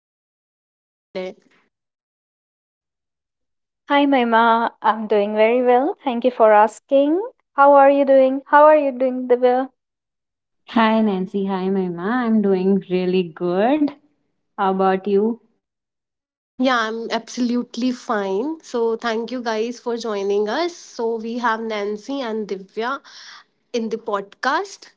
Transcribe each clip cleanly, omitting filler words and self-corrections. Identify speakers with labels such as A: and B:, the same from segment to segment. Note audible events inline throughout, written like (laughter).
A: How are you feeling today?
B: Hi, Maima. I'm doing very well. Thank you for asking. How are you doing? How are you doing, Divya?
C: Hi Nancy, hi Mahima. I'm doing really good. How about you?
A: Yeah, I'm absolutely fine. So thank you guys for joining us. So we have Nancy and Divya in the podcast.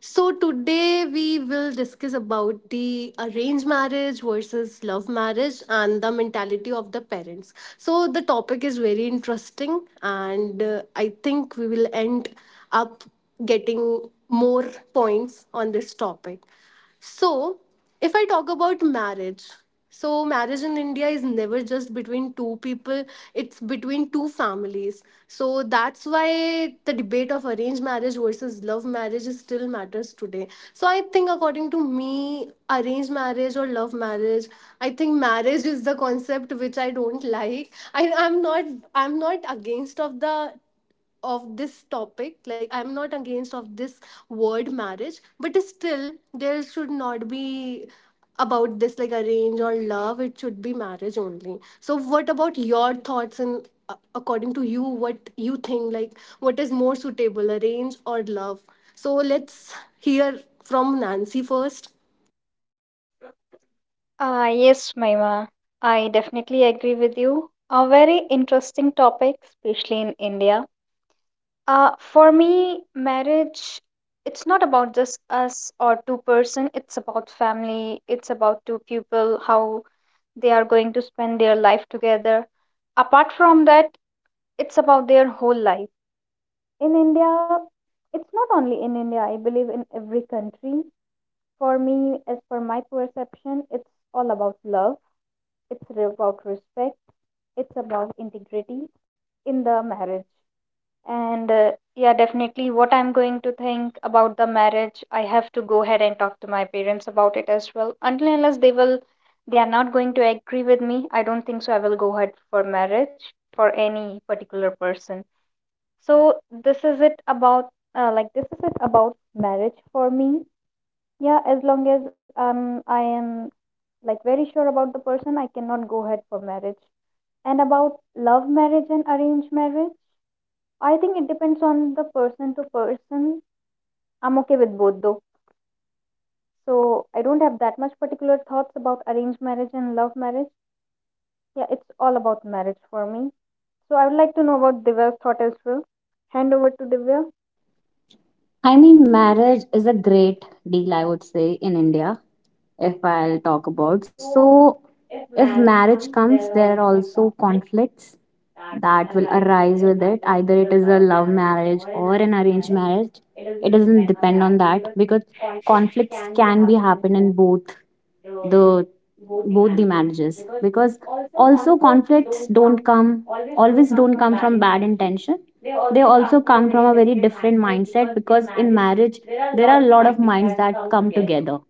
A: So today we will discuss about the arranged marriage versus love marriage and the mentality of the parents. So the topic is very interesting and I think we will end up getting more points on this topic. So if I talk about marriage, so marriage in India is never just between two people, it's between two families. So that's why the debate of arranged marriage versus love marriage is still matters today. So I think according to me, arranged marriage or love marriage, I think marriage is the concept which I don't like. I'm not against of this topic, like I'm not against of this word marriage, but still there should not be about this like arrange or love, it should be marriage only. So what about your thoughts? And according to you, what you think, like what is more suitable, arrange or love? So let's hear from Nancy first.
B: Ah, yes, Maima. I definitely agree with you. A very interesting topic, especially in India. For me, marriage, it's not about just us or two person. It's about family. It's about two people, how they are going to spend their life together. Apart from that, it's about their whole life. In India, it's not only in India, I believe in every country. For me, as per my perception, it's all about love, it's about respect, it's about integrity in the marriage. And yeah, definitely, what I'm going to think about the marriage, I have to go ahead and talk to my parents about it as well. Until and unless they are not going to agree with me, I don't think so I will go ahead for marriage for any particular person. So this is it about uh, like this is it about marriage for me. Yeah, as long as I am, like, very sure about the person, I cannot go ahead for marriage. And about love marriage and arranged marriage, I think it depends on the person to person. I'm okay with both though. So I don't have that much particular thoughts about arranged marriage and love marriage. Yeah, it's all about marriage for me. So I would like to know about Divya's thought as well. Hand over to Divya.
C: I mean, marriage is a great deal, I would say, in India. If I'll talk about. So, If marriage comes, there are also conflicts that will arise with it. Either it is a love marriage or an arranged marriage. It doesn't depend on that because conflicts can be happen in the both the marriages, because also conflicts don't come always don't come from bad intention. They also come from a very different mindset, because in marriage there are a lot of minds that come together.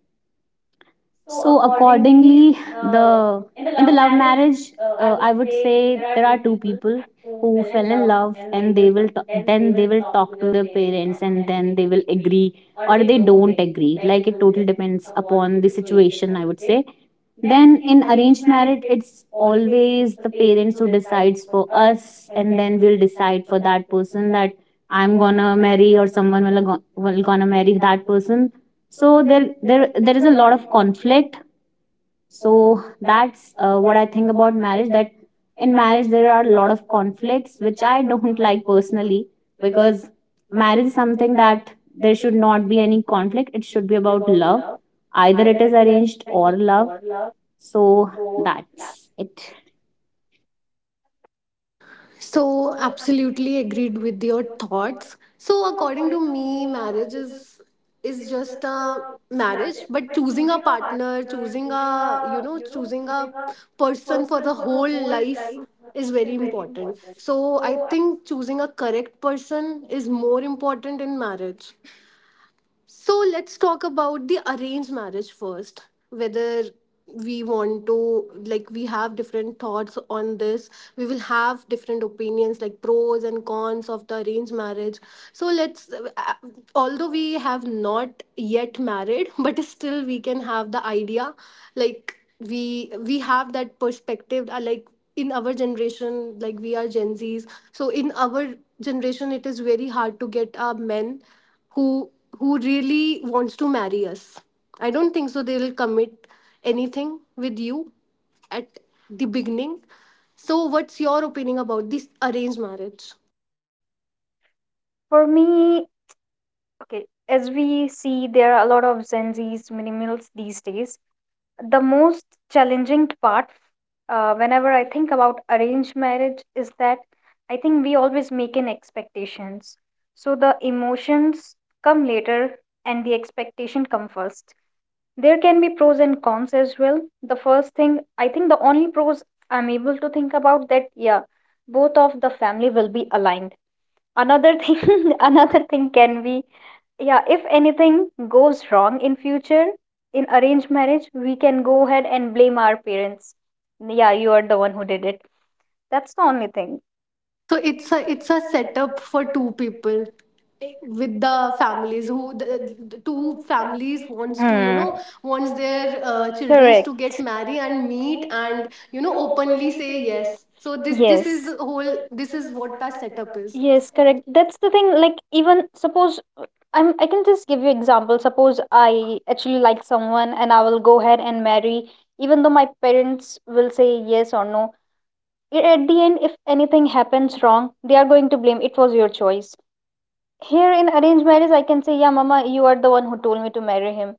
C: So accordingly, the in the love marriage, I would say there are two people who fell in love, and they will then they will talk to their parents, and then they will agree or they don't agree. Like, it totally depends upon the situation, I would say. Then in arranged marriage, it's always the parents who decides for us, and then we'll decide for that person that I'm gonna marry, or someone will, will gonna marry that person. So there is a lot of conflict. So that's what I think about marriage, that in marriage there are a lot of conflicts which I don't (laughs) like personally, because marriage is something that there should not be any conflict. It should be about love, either it is arranged or love. So that's it.
A: So, absolutely agreed with your thoughts. So, according to me, marriage is just a marriage, but choosing a partner, choosing a person for the whole life is very important. So, I think choosing a correct person is more important in marriage. So let's talk about the arranged marriage first. Whether we want to, like, we have different thoughts on this. We will have different opinions, like pros and cons of the arranged marriage. So although we have not yet married, (laughs) but still we can have the idea, like we have that perspective. Like in our generation, like we are Gen Zs, so in our generation it is very hard to get a men who who really wants to marry us. I don't think so they'll commit anything with you at the beginning. So what's your opinion about this arranged marriage?
B: For me, okay, as we see, there are a lot of Gen Zs, millennials these days. The most challenging part, whenever I think about arranged marriage, is that I think we always make an expectations. So the emotions come later and the expectation come first. There can be pros and cons as well. The first thing, I think the only pros I'm able to think about that, yeah, both of the family will be aligned. Another thing, (laughs) another thing can be, yeah, if anything goes wrong in future in arranged marriage, we can go ahead and blame our parents. Yeah, you are the one who did it. That's the only thing.
A: So it's a setup for two people, with the families, the two families wants to you
B: Hmm.
A: know wants their children
B: Correct.
A: to get married and meet and openly say yes. So this is
B: Yes,
A: whole, this is what that setup is.
B: yes, correct, that's the thing. Like, even suppose, I can just give you example, suppose I actually like someone and I will go ahead and marry, even though my parents will say yes or no. At the end, if anything happens wrong, they are going to blame it was your choice. Here in arranged marriage, I can say, yeah, mama, you are the one who told me to marry him.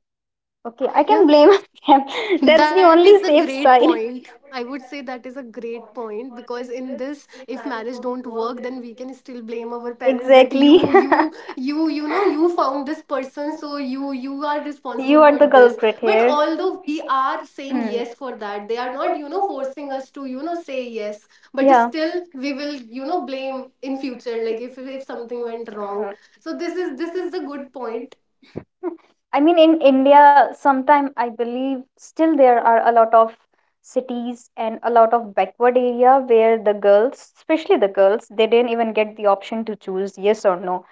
B: Okay, I can blame (laughs) them. That's
A: That
B: the
A: is a
B: only
A: great
B: safe
A: point.
B: side.
A: I would say that is a great point because in this, if marriage don't work, then we can still blame our parents that
B: Exactly. (laughs)
A: you found this person, so you are responsible
B: You are
A: for
B: the
A: this.
B: culprit
A: But
B: here.
A: although we are saying
B: Hmm.
A: yes for that, they are not forcing us to say yes. But
B: Yeah.
A: still, we will blame in future, like if something went wrong. So this is the good point.
B: I mean, in India, sometime I believe still there are a lot of cities and a lot of backward area where the girls, especially the girls, they didn't even get the option to choose yes or no.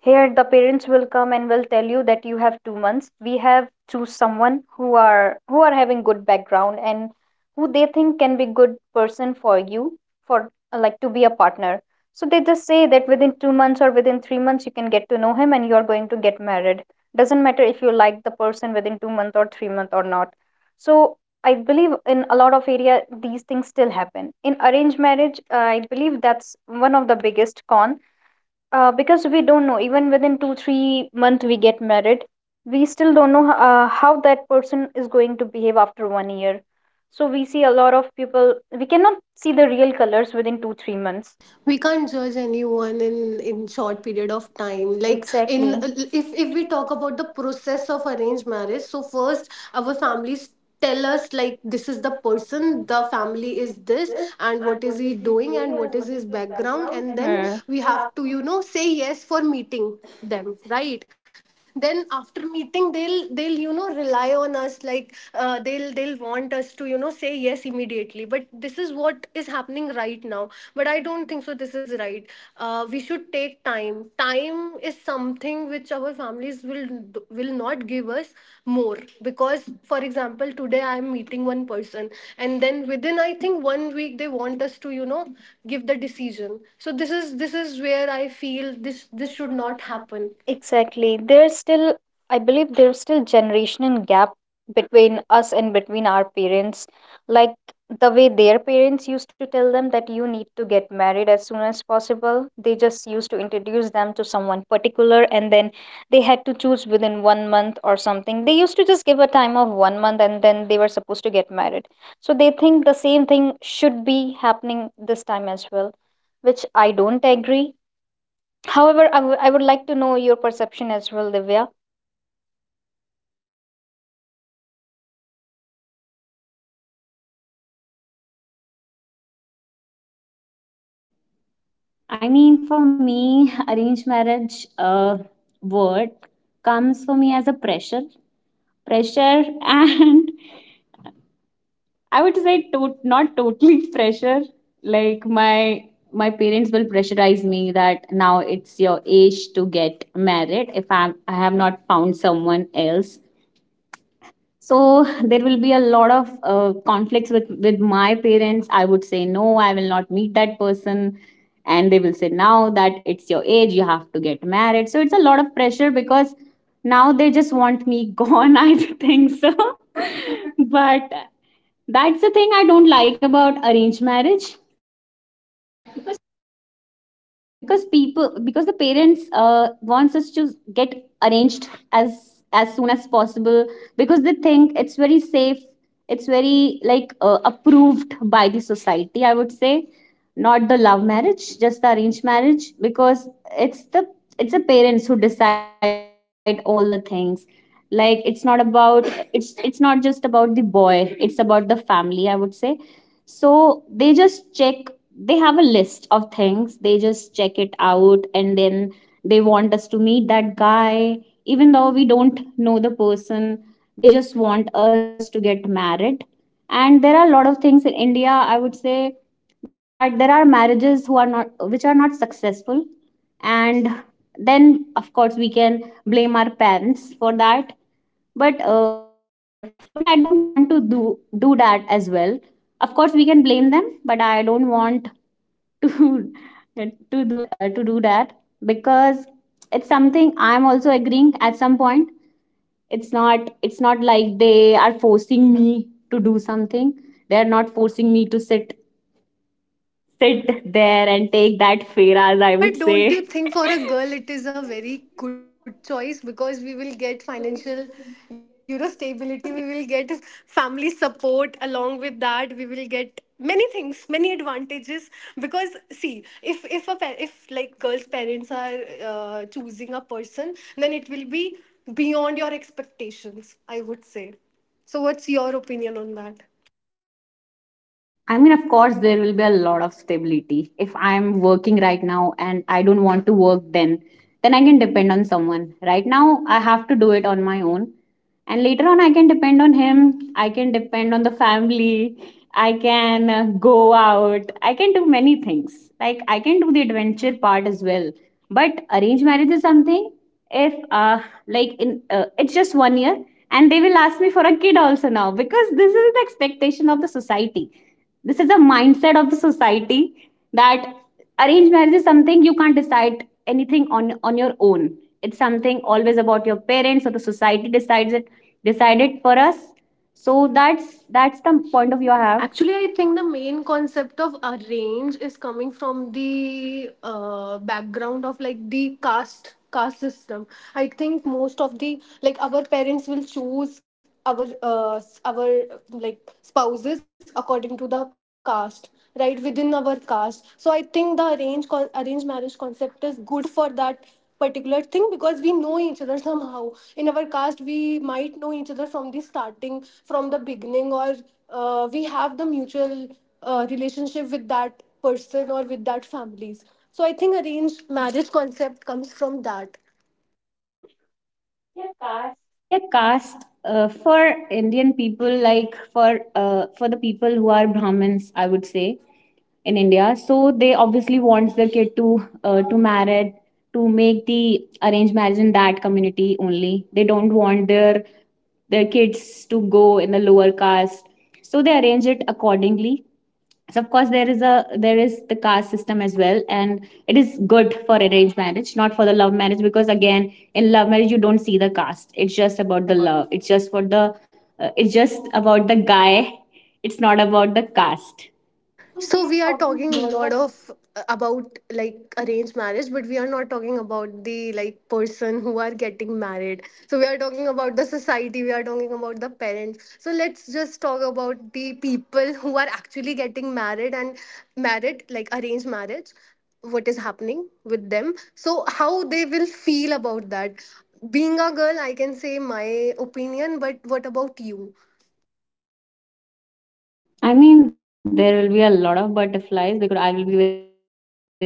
B: Here, the parents will come and will tell you that you have 2 months. We have choose someone who are having good background and who they think can be good person for you, for, like, to be a partner. So they just say that within 2 months or within 3 months you can get to know him and you are going to get married. Doesn't matter if you like the person within 2 months or 3 months or not. So I believe in a lot of area these things still happen. In arranged marriage, I believe that's one of the biggest con, because we don't know, even within 2-3 month we get married, we still don't know how that person is going to behave after one year. So we see a lot of people, we cannot see the real colors within 2-3 months.
A: We can't judge anyone in short period of time, like in
B: Exactly.
A: if we talk about the process of arranged marriage. So first our families tell us like this is the person, the family is this, and what is he doing, and what is his background. And then
B: Hmm.
A: we have to say yes for meeting them, right? Then after meeting, they'll rely on us, like they'll want us to say yes immediately. But this is what is happening right now, but I don't think so this is right. We should take time. Time is something which our families will not give us more, because for example today I am meeting one person, and then within I think one week they want us to give the decision. So this is where I feel this should not happen.
B: Exactly. There's still, I believe, there's still generational gap between us and between our parents. Like, the way their parents used to tell them that you need to get married as soon as possible. They just used to introduce them to someone particular and then they had to choose within one month or something. They used to just give a time of one month and then they were supposed to get married. So they think the same thing should be happening this time as well, which I don't agree. However, I would like to know your perception as well, Divya.
C: I mean, for me, (laughs) arranged marriage, word comes for me as a pressure. (laughs) And I would say not totally (laughs) pressure. Like, my parents will pressurize me that now it's your age to get married, if I have not found someone else. So there will be a lot of conflicts with my parents. I would say no, I will not meet that person, and they will say now that it's your age, you have to get married. So it's a lot of pressure, because now they just want me (laughs) gone, I think so. (laughs) But that's the thing I don't like about arranged marriage. But because people, because the parents wants us to get arranged as as soon as possible, because they think it's very safe. It's very like, approved by the society, I would say. Not the love marriage, just the arranged marriage, because it's the it's the parents who decide all the things. Like, it's not just about the boy, it's about the family, I would say. So they just check they have a list of things. They just check it out, and then they want us to meet that guy, even though we don't know the person. They just want us to get married. And there are a lot of things in India, I would say, that there are marriages who are not which are not successful. And then of course we can blame our parents for that. But but I don't want to do that as well. Of course we can blame them, but I don't want to (laughs) to do that, because it's something I'm also agreeing at some point. It's not like they are forcing me to do something. They're not forcing me to sit there and take that fare, as I would
A: But
C: say.
A: don't you think for a girl it is a very good choice? Because we will get financial stability, we will get family support. Along with that, we will get many things, many advantages, because see, if a pa- if like girls parents are choosing a person, then it will be beyond your expectations, I would say. So what's your opinion on that?
C: I mean, of course there will be a lot of stability. If I'm working right now and I don't want to work, then I can depend on someone. Right now I have to do it on my own, and later on I can depend on him. I can depend on the family. I can go out, I can do many things, like I can do the adventure part as well. But arranged marriage is something, if like in it's just 1 year, and they will ask me for a kid also, now, because this is the expectation of the society. This is a mindset of the society, that arranged marriage is something you can't decide anything on your own. It's something always about your parents, or the society decides it decide it for us. So that's the point of view I have.
A: Actually, I think the main concept of arrange is coming from the background of like the caste system. I think most of the, like, our parents will choose our like spouses according to the caste, right within our caste. So I think the arranged marriage concept is good for that particular thing, because we know each other somehow. In our caste we might know each other from the starting, from the beginning, or we have the mutual relationship with that person or with that families. So I think arranged marriage concept comes from that.
C: Yeah, caste, for Indian people, like for the people who are Brahmins, I would say, in India. So they obviously wants their kid to marry to make the arranged marriage in that community only. They don't want their kids to go in the lower caste. So they arrange it accordingly. So of course there is the caste system as well, and it is good for arranged marriage, not for the love marriage, because again in love marriage you don't see the caste. It's just about the love. It's just for the it's just about the guy. It's not about the caste.
A: So we are talking a lot of about like arranged marriage, but we are not talking about the like person who are getting married. So we are talking about the society, we are talking about the parents. So let's just talk about the people who are actually getting married, like arranged marriage, what is happening with them. So how they will feel about that. Being a girl, I can say my opinion, but what about you?
C: I mean, there will be a lot of butterflies, because I will be very nervous talking to a stranger.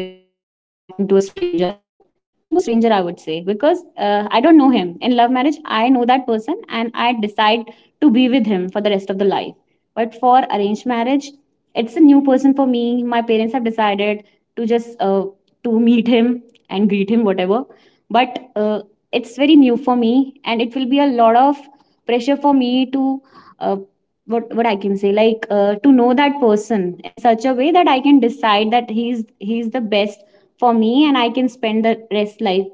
C: Talking to a stranger, I would say, because I don't know him. In love marriage, I know that person and I decide to be with him for the rest of the life. But for arranged marriage, it's a new person for me. My parents have decided to just to meet him and greet him, whatever. But it's very new for me, and it will be a lot of pressure for me to, uh, what I can say, like, to know that person in such a way that I can decide that he's the best for me, and I can spend the rest life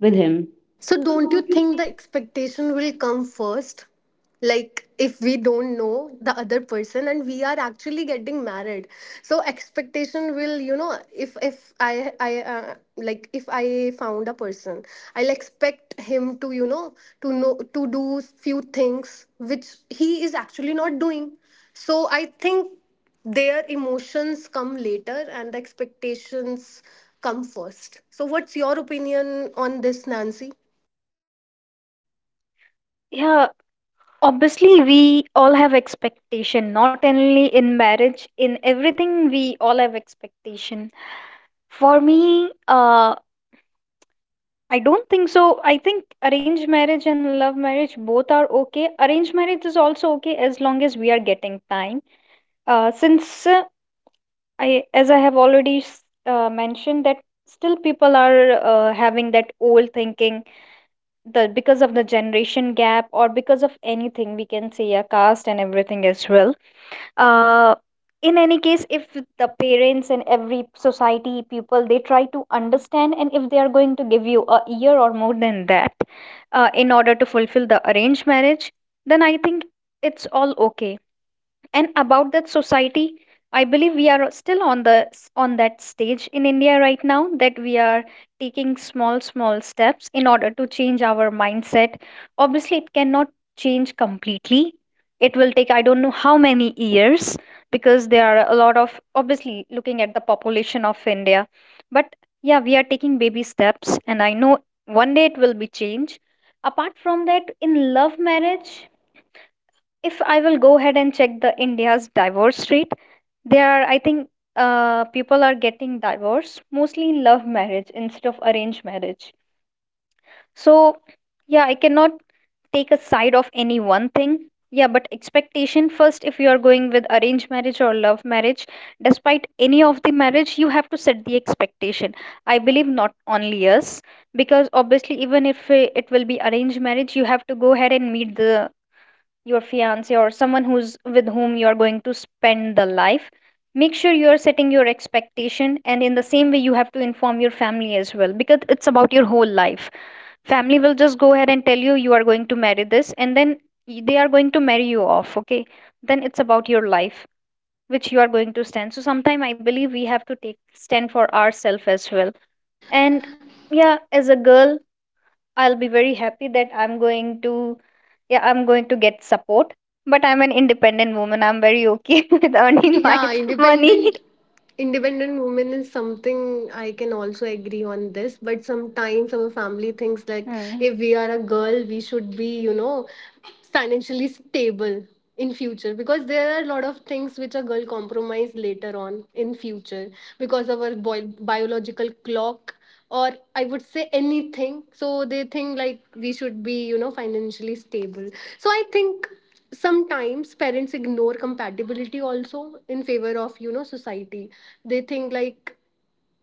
C: with him.
A: So, don't you think the expectation will come first? Like, if we don't know the other person and we are actually getting married, so expectation will, you know, if I I like if I found a person, I'll expect him to to know to do few things which he is actually not doing. So I think their emotions come later and the expectations come first. So, what's your opinion on this, Nancy?
B: Yeah, obviously we all have expectation, not only in marriage, in everything we all have expectation. For me, I don't think so. I think arranged marriage and love marriage both are okay. Arranged marriage is also okay as long as we are getting time. Since, as I have already mentioned that still people are having that old thinking, the because of the generation gap or because of anything, we can say a caste and everything as well. uh in any case, if the parents and every society people, they try to understand, and if they are going to give you a year or more than that, in order to fulfill the arranged marriage, then I think it's all okay. And about that society, I believe we are still on on that stage in India right now, that we are taking small small steps in order to change our mindset. Obviously it cannot change completely, it will take, I don't know, how many years, because there are a lot of, obviously, looking at the population of India. But yeah, we are taking baby steps, and I know one day it will be changed. Apart from that, in love marriage, if I will go ahead and check the India's divorce rate, there are, I think, people are getting divorced mostly in love marriage instead of arranged marriage. So yeah, I cannot take a side of any one thing. Yeah, but expectation first. If you are going with arranged marriage or love marriage, despite any of the marriage, you have to set the expectation, I believe, not only us. Because obviously, even if it will be arranged marriage, you have to go ahead and meet the your fiance or someone who's, with whom you are going to spend the life. Make sure you are setting your expectation, and in the same way you have to inform your family as well, because it's about your whole life. Family will just go ahead and tell you you are going to marry this, and then they are going to marry you off, okay. Then it's about your life, which you are going to stand. So sometime I believe we have to take stand for ourselves as well. And yeah, as a girl, I'll be very happy that I'm going to get support. But I'm an independent woman. I'm very okay (laughs) with earning my
A: Yeah,
B: (laughs) money.
A: independent woman is something I can also agree on this, but sometimes our family thinks like
B: Hmm.
A: if we are a girl we should be financially stable in future, because there are a lot of things which a girl compromise later on in future because of our biological clock, or I would say anything. So they think like we should be financially stable. So I think sometimes parents ignore compatibility also in favor of society. They think like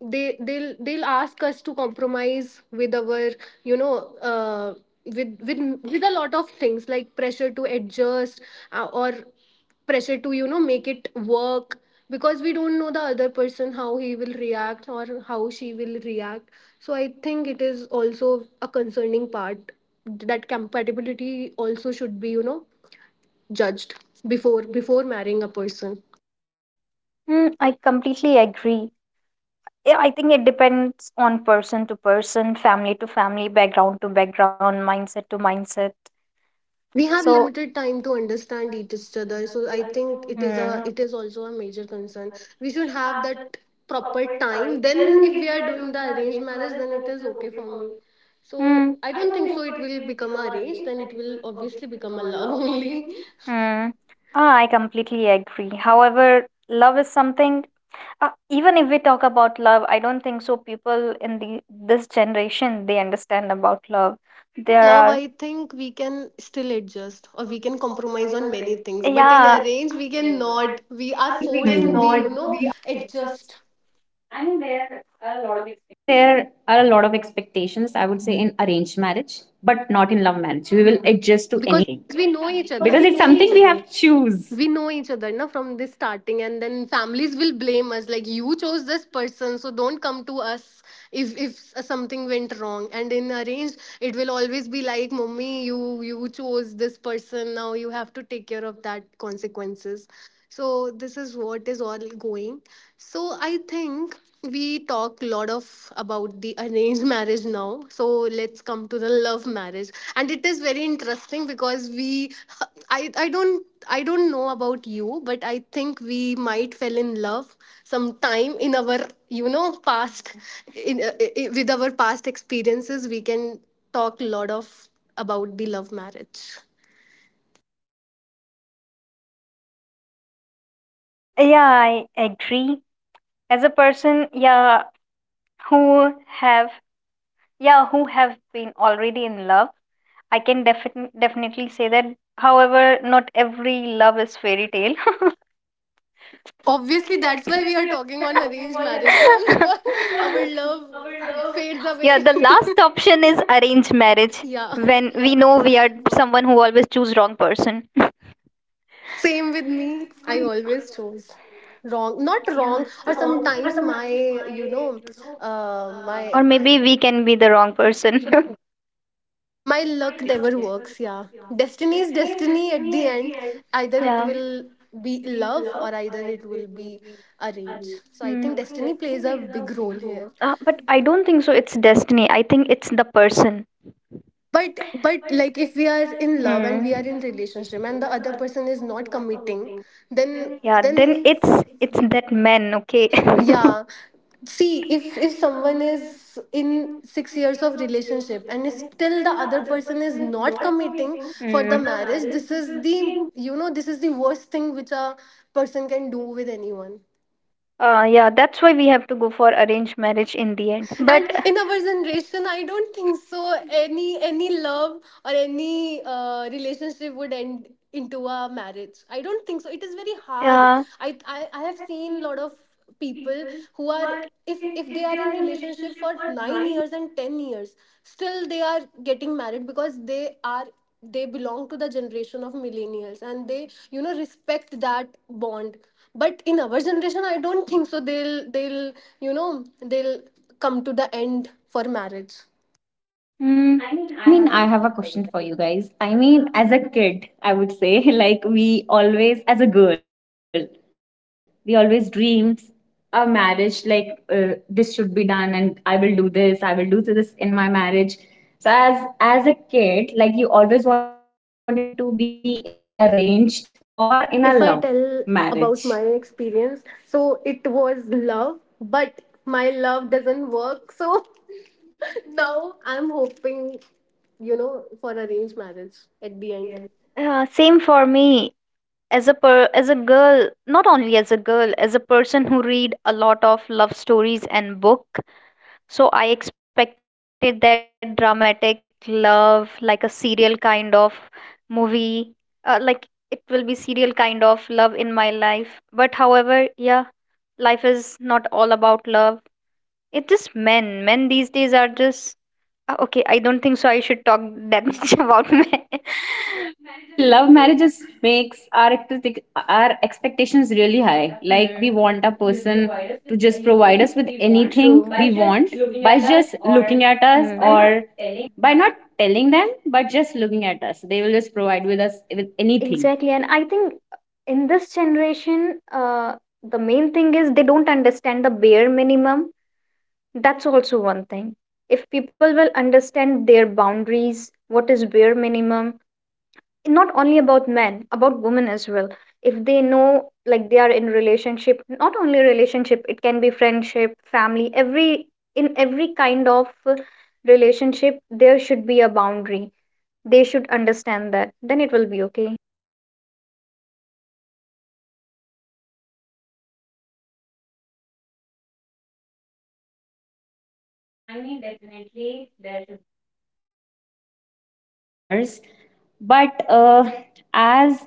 A: they'll ask us to compromise with our you know uh, with with with a lot of things, like pressure to adjust, or pressure to make it work, because we don't know the other person, how he will react or how she will react. So I think it is also a concerning part, that compatibility also should be judged before marrying a person.
B: Mm, I completely agree. Yeah, I think it depends on person to person, family to family, background to background, mindset to mindset.
A: We have
B: So,
A: limited time to understand each other, so I think it is
B: mm,
A: also a major concern. We should have that proper time. Then if we are doing the arranged marriage, then it is okay for me. So
B: mm,
A: I don't think so it will become a arranged, then it will obviously become a love (laughs) only.
B: mm. Ah, I completely agree. However, love is something, even if we talk about love, I don't think so people in the this generation they understand about love.
A: But in
B: There
A: love
B: are
A: I think we can still adjust or we can compromise on many things, but in
B: Yeah,
A: arranged we cannot, we are forced to be
C: Hmm.
A: adjust,
C: I mean, there are a lot of expectations, I would say, in arranged marriage, but not in love marriage. We will adjust to
A: because
C: anything, because it's something we have to choose.
A: we know each other na, from this starting. And then families will blame us like you chose this person, so don't come to us if something went wrong. And in arranged it will always be like, mommy, you chose this person, now you have to take care of that consequences. So this is what is all going. So I think we talk a lot of about the (laughs) arranged marriage now, so let's come to the love marriage. And it is very interesting, because we (laughs) I don't know about you, but I think we might fell in love sometime in our past. With our past experiences we can talk a lot of about the love marriage.
B: yeah, I agree. As a person, yeah, who have yeah who have been already in love, I can definitely say that. However, not every love is fairy tale.
A: Obviously, that's why we are talking on arranged marriage now (laughs) because our love
B: (laughs)
A: fades
B: Yeah, the
A: away.
B: last option is arranged marriage,
A: (laughs) Yeah.
B: when we know we are someone who always choose wrong person.
A: Same with me. I always chose wrong, not
B: Yeah.
A: wrong, or sometimes my, you know,
B: Or
A: my
B: maybe we can be the wrong person. (laughs)
A: my luck never works. Yeah, destiny is destiny. At the end, either it
B: Yeah.
A: will be love or either it will be arranged. So I
B: Hmm.
A: think destiny plays a big role here.
B: But I don't think so. It's destiny. I think it's the person.
A: But like if we are in love and
B: Hmm.
A: we are in relationship and the other person is not committing, then
B: Yeah.
A: then
B: Then it's that man. Okay.
A: yeah,
B: (laughs)
A: see if someone is in 6 years of relationship and is still the other person is not committing for
B: Hmm.
A: the marriage, this is the worst thing which a person can do with anyone.
B: Yeah, that's why we have to go for arranged marriage in the end. But
A: And in our generation I don't think so any love or any relationship would end into a marriage. I don't think so it is very hard.
B: yeah.
A: I have seen a lot of people who are, if they are in relationship for 9 years and 10 years, still they are getting married because they belong to the generation of millennials, and they respect that bond. But in our generation I don't think so they'll you know they'll come to the end for marriage.
B: Mm,
C: I mean, I have a question for you guys. I mean, as a kid, I would say, (laughs) like, we always, as a girl, we always dreams a marriage, like, this should be done, and I will do this, I will do this in my marriage. So, as a kid, like, you always wanted to be in a arranged or in a love
A: If I tell
C: marriage.
A: about my experience, so it was love but my love doesn't work. So (laughs) now I'm hoping you know for arranged marriage at the end.
B: yeah. Same for me. As a girl, not only as a girl, as a person who read a lot of love stories and book, so I expected that dramatic love, like a serial kind of movie, like it will be serial kind of love in my life. But however, yeah, life is not all about love. It is men. Men these days are just— okay, I don't think so I should talk that (laughs) much about men.
C: I mean, love marriages makes our our expectations really high.
B: Hmm.
C: Like, we
B: Mm.
C: want a person to just provide us with anything
B: True.
C: we want by just looking
B: Mm.
C: at us,
B: Hmm. Not.
C: or by not telling them, but just looking at us. They will just provide with us with anything.
B: Exactly. And I think in this generation, uh, the main thing is they don't understand the bare minimum. That's also one thing. If people will understand their boundaries, what is bare minimum, not only about men, about women as well, if they know, like, they are in relationship, not only relationship, it can be friendship, family, every, in every kind of relationship, there should be a boundary. They should understand that, then it will be okay.
C: I mean, definitely there should be boundaries, of course. But as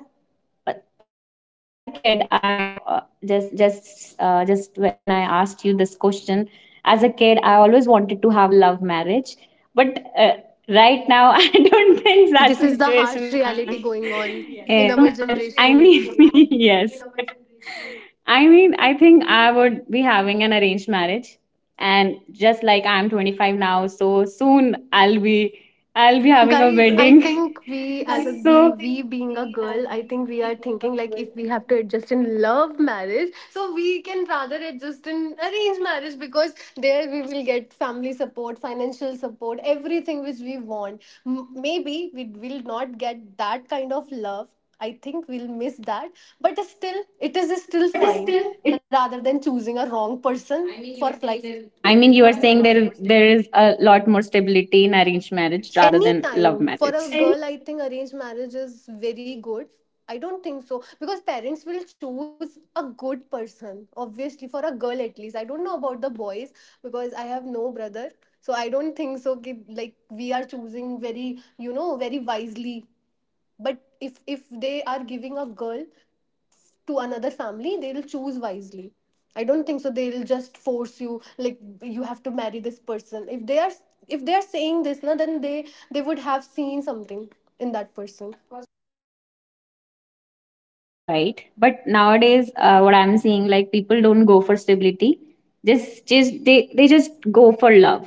C: a kid, I just, when I asked you this question, as a kid, I always wanted to have a love marriage. But right now, (laughs) I don't think that's
A: This
C: the
A: is the
C: situation
A: harsh
C: I am
A: reality going on, (laughs) yes,
C: in.
A: in our
C: But I mean,
A: generation.
C: (laughs) yes, I mean, I think I would be having an arranged marriage, and just like, I'm 25 now, so soon I'll be having
A: Guys,
C: a
A: I (laughs)
C: wedding.
A: think we as a
C: (laughs) Guys,
A: be we
C: so think,
A: being a girl, I think we are
C: we being
A: thinking like
C: a
A: if we
C: girl,
A: have to
C: I think
A: adjust in love marriage, so we can rather adjust in arranged marriage, because there we will get family support, financial support, everything which we want. Maybe we will not get that kind of love. I think we'll miss that, but still, it is still fine rather than choosing a wrong person. I mean, for even life.
C: we-
A: There,
C: person.
A: there
C: I
A: is
C: mean, you are
A: a
C: saying
A: lot more
C: there is a lot more stability in arranged marriage
A: marriage.
C: rather
A: Any
C: than love
A: time for a
C: marriage.
A: girl, I think arranged marriage is very good. I don't think so, because parents will choose a good person, obviously, for a girl at least. I don't know about the boys, because I have no brother, so I don't think so. कि, like, we are choosing very, very wisely. But if they are giving a girl to another family, they'll choose wisely. I don't think so they'll just force you, like you have to marry this person. If they are saying this na, then they would have seen something in that person.
C: Of course, Moima, I mean, you are right. But nowadays, what I'm seeing, like, people don't go for stability. Just They just go for love.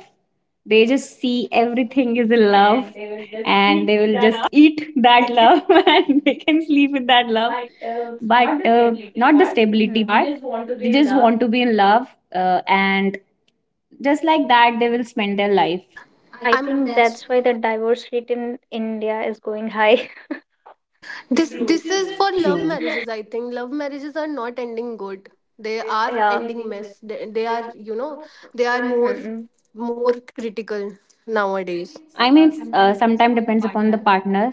C: They just see everything is in love, and they will just eat that love, (laughs) and they can sleep with that love. But not the stability
B: Hmm.
C: part. They just want to be in love, and just like that, they will spend their life.
B: I
A: I'm
B: think
A: This
B: that's why the divorce rate in India is going high. (laughs)
A: this is for
C: True,
A: love
C: true.
A: marriages. I think love marriages are not ending good, they are
B: Yeah.
A: ending mess. They are, you know, they are more
B: Mm-mm.
A: more critical nowadays.
C: I mean, it's sometimes depends upon the partner,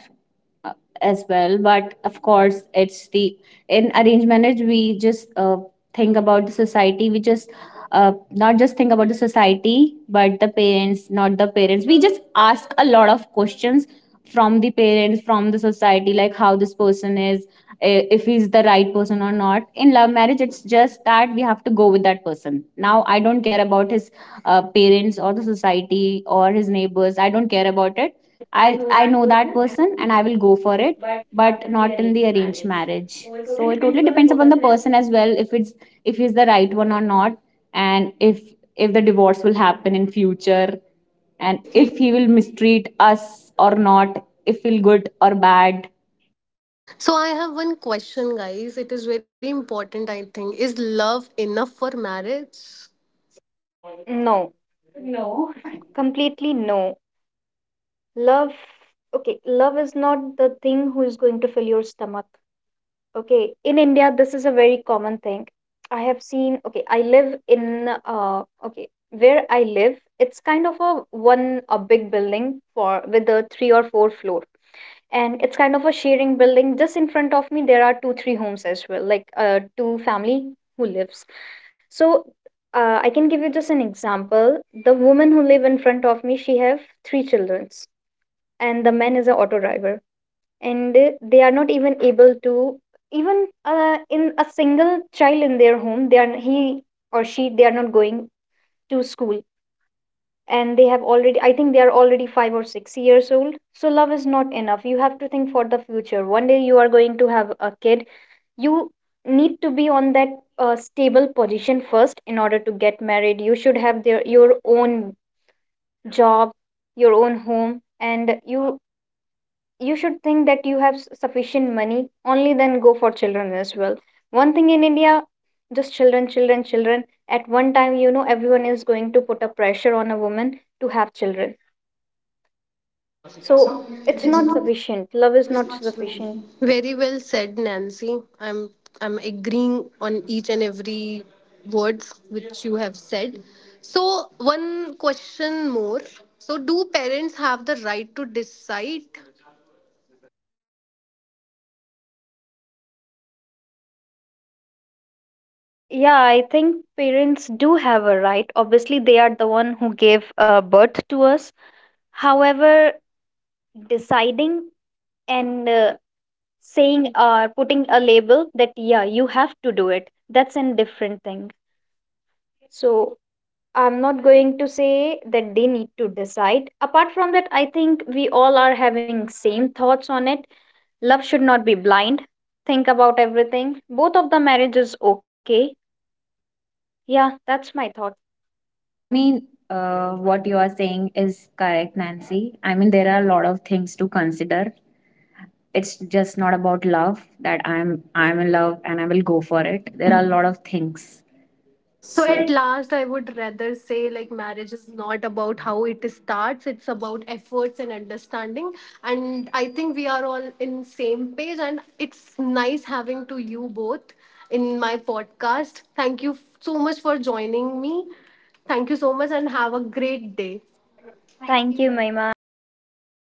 C: uh, as well. But of course it's the, in arranged marriage we just, think about the society, we just, not just think about the society but the parents, not the parents we just ask a lot of questions from the parents, from the society, like how this person is, if he's the right person or not. In love marriage it's just that we have to go with that person. Now I don't care about his, parents or the society or his neighbors, I don't care about it. I know that person and I will go for it, but not in the arranged marriage. So it totally depends upon the person as well, if he's the right one or not, and if the divorce will happen in future, and if he will mistreat us or not, if he'll good or bad.
A: So I have one question, guys. It is very important, I think. Is love enough for marriage?
B: No.
C: No,
B: Completely no. Love, okay, love is not the thing who is going to fill your stomach. Okay, in India, this is a very common thing. I have seen, okay, I live in, okay, where I live, it's kind of a big building for with a three or four floor. And it's kind of a sharing building. Just in front of me there are 2-3 homes as well, like, two family who lives. So, I can give you just an example. The woman who live in front of me, she have three children, and the man is a auto driver. And they are not even able to even, in a single child in their home, they are, he or she they are not going to school. And they have already, I think they are already 5 or 6 years old. So love is not enough. You have to think for the future. One day you are going to have a kid. You need to be on that stable position first in order to get married. You should have their your own job, your own home. And you should think that you have sufficient money, only then go for children as well. One thing in India: just children, children, children, at one time. You know everyone is going to put a pressure on a woman to have children. So it's not sufficient. Love is not sufficient.
A: Very well said, Nancy. I'm agreeing on each and every words which you have said. So one question more. So do parents have the right to decide?
B: Yeah, I think parents do have a right. Obviously they are the one who gave birth to us. However, deciding and, saying or putting a label that yeah you have to do it, that's a different thing. So I'm not going to say that they need to decide. Apart from that, I think we all are having same thoughts on it. Love should not be blind. Think about everything. Both of the marriages okay. Yeah, that's my thought.
C: I mean, what you are saying is correct, Nancy. I mean, there are a lot of things to consider. It's just not about love that I'm in love and I will go for it. There are a lot of things.
A: So at last, I would rather say like marriage is not about how it starts. It's about efforts and understanding. And I think we are all in same page. And it's nice having to you both in my podcast. Thank you so much for joining me. Thank you so much and have a great day.
B: Thank you, Maima. Have a good day.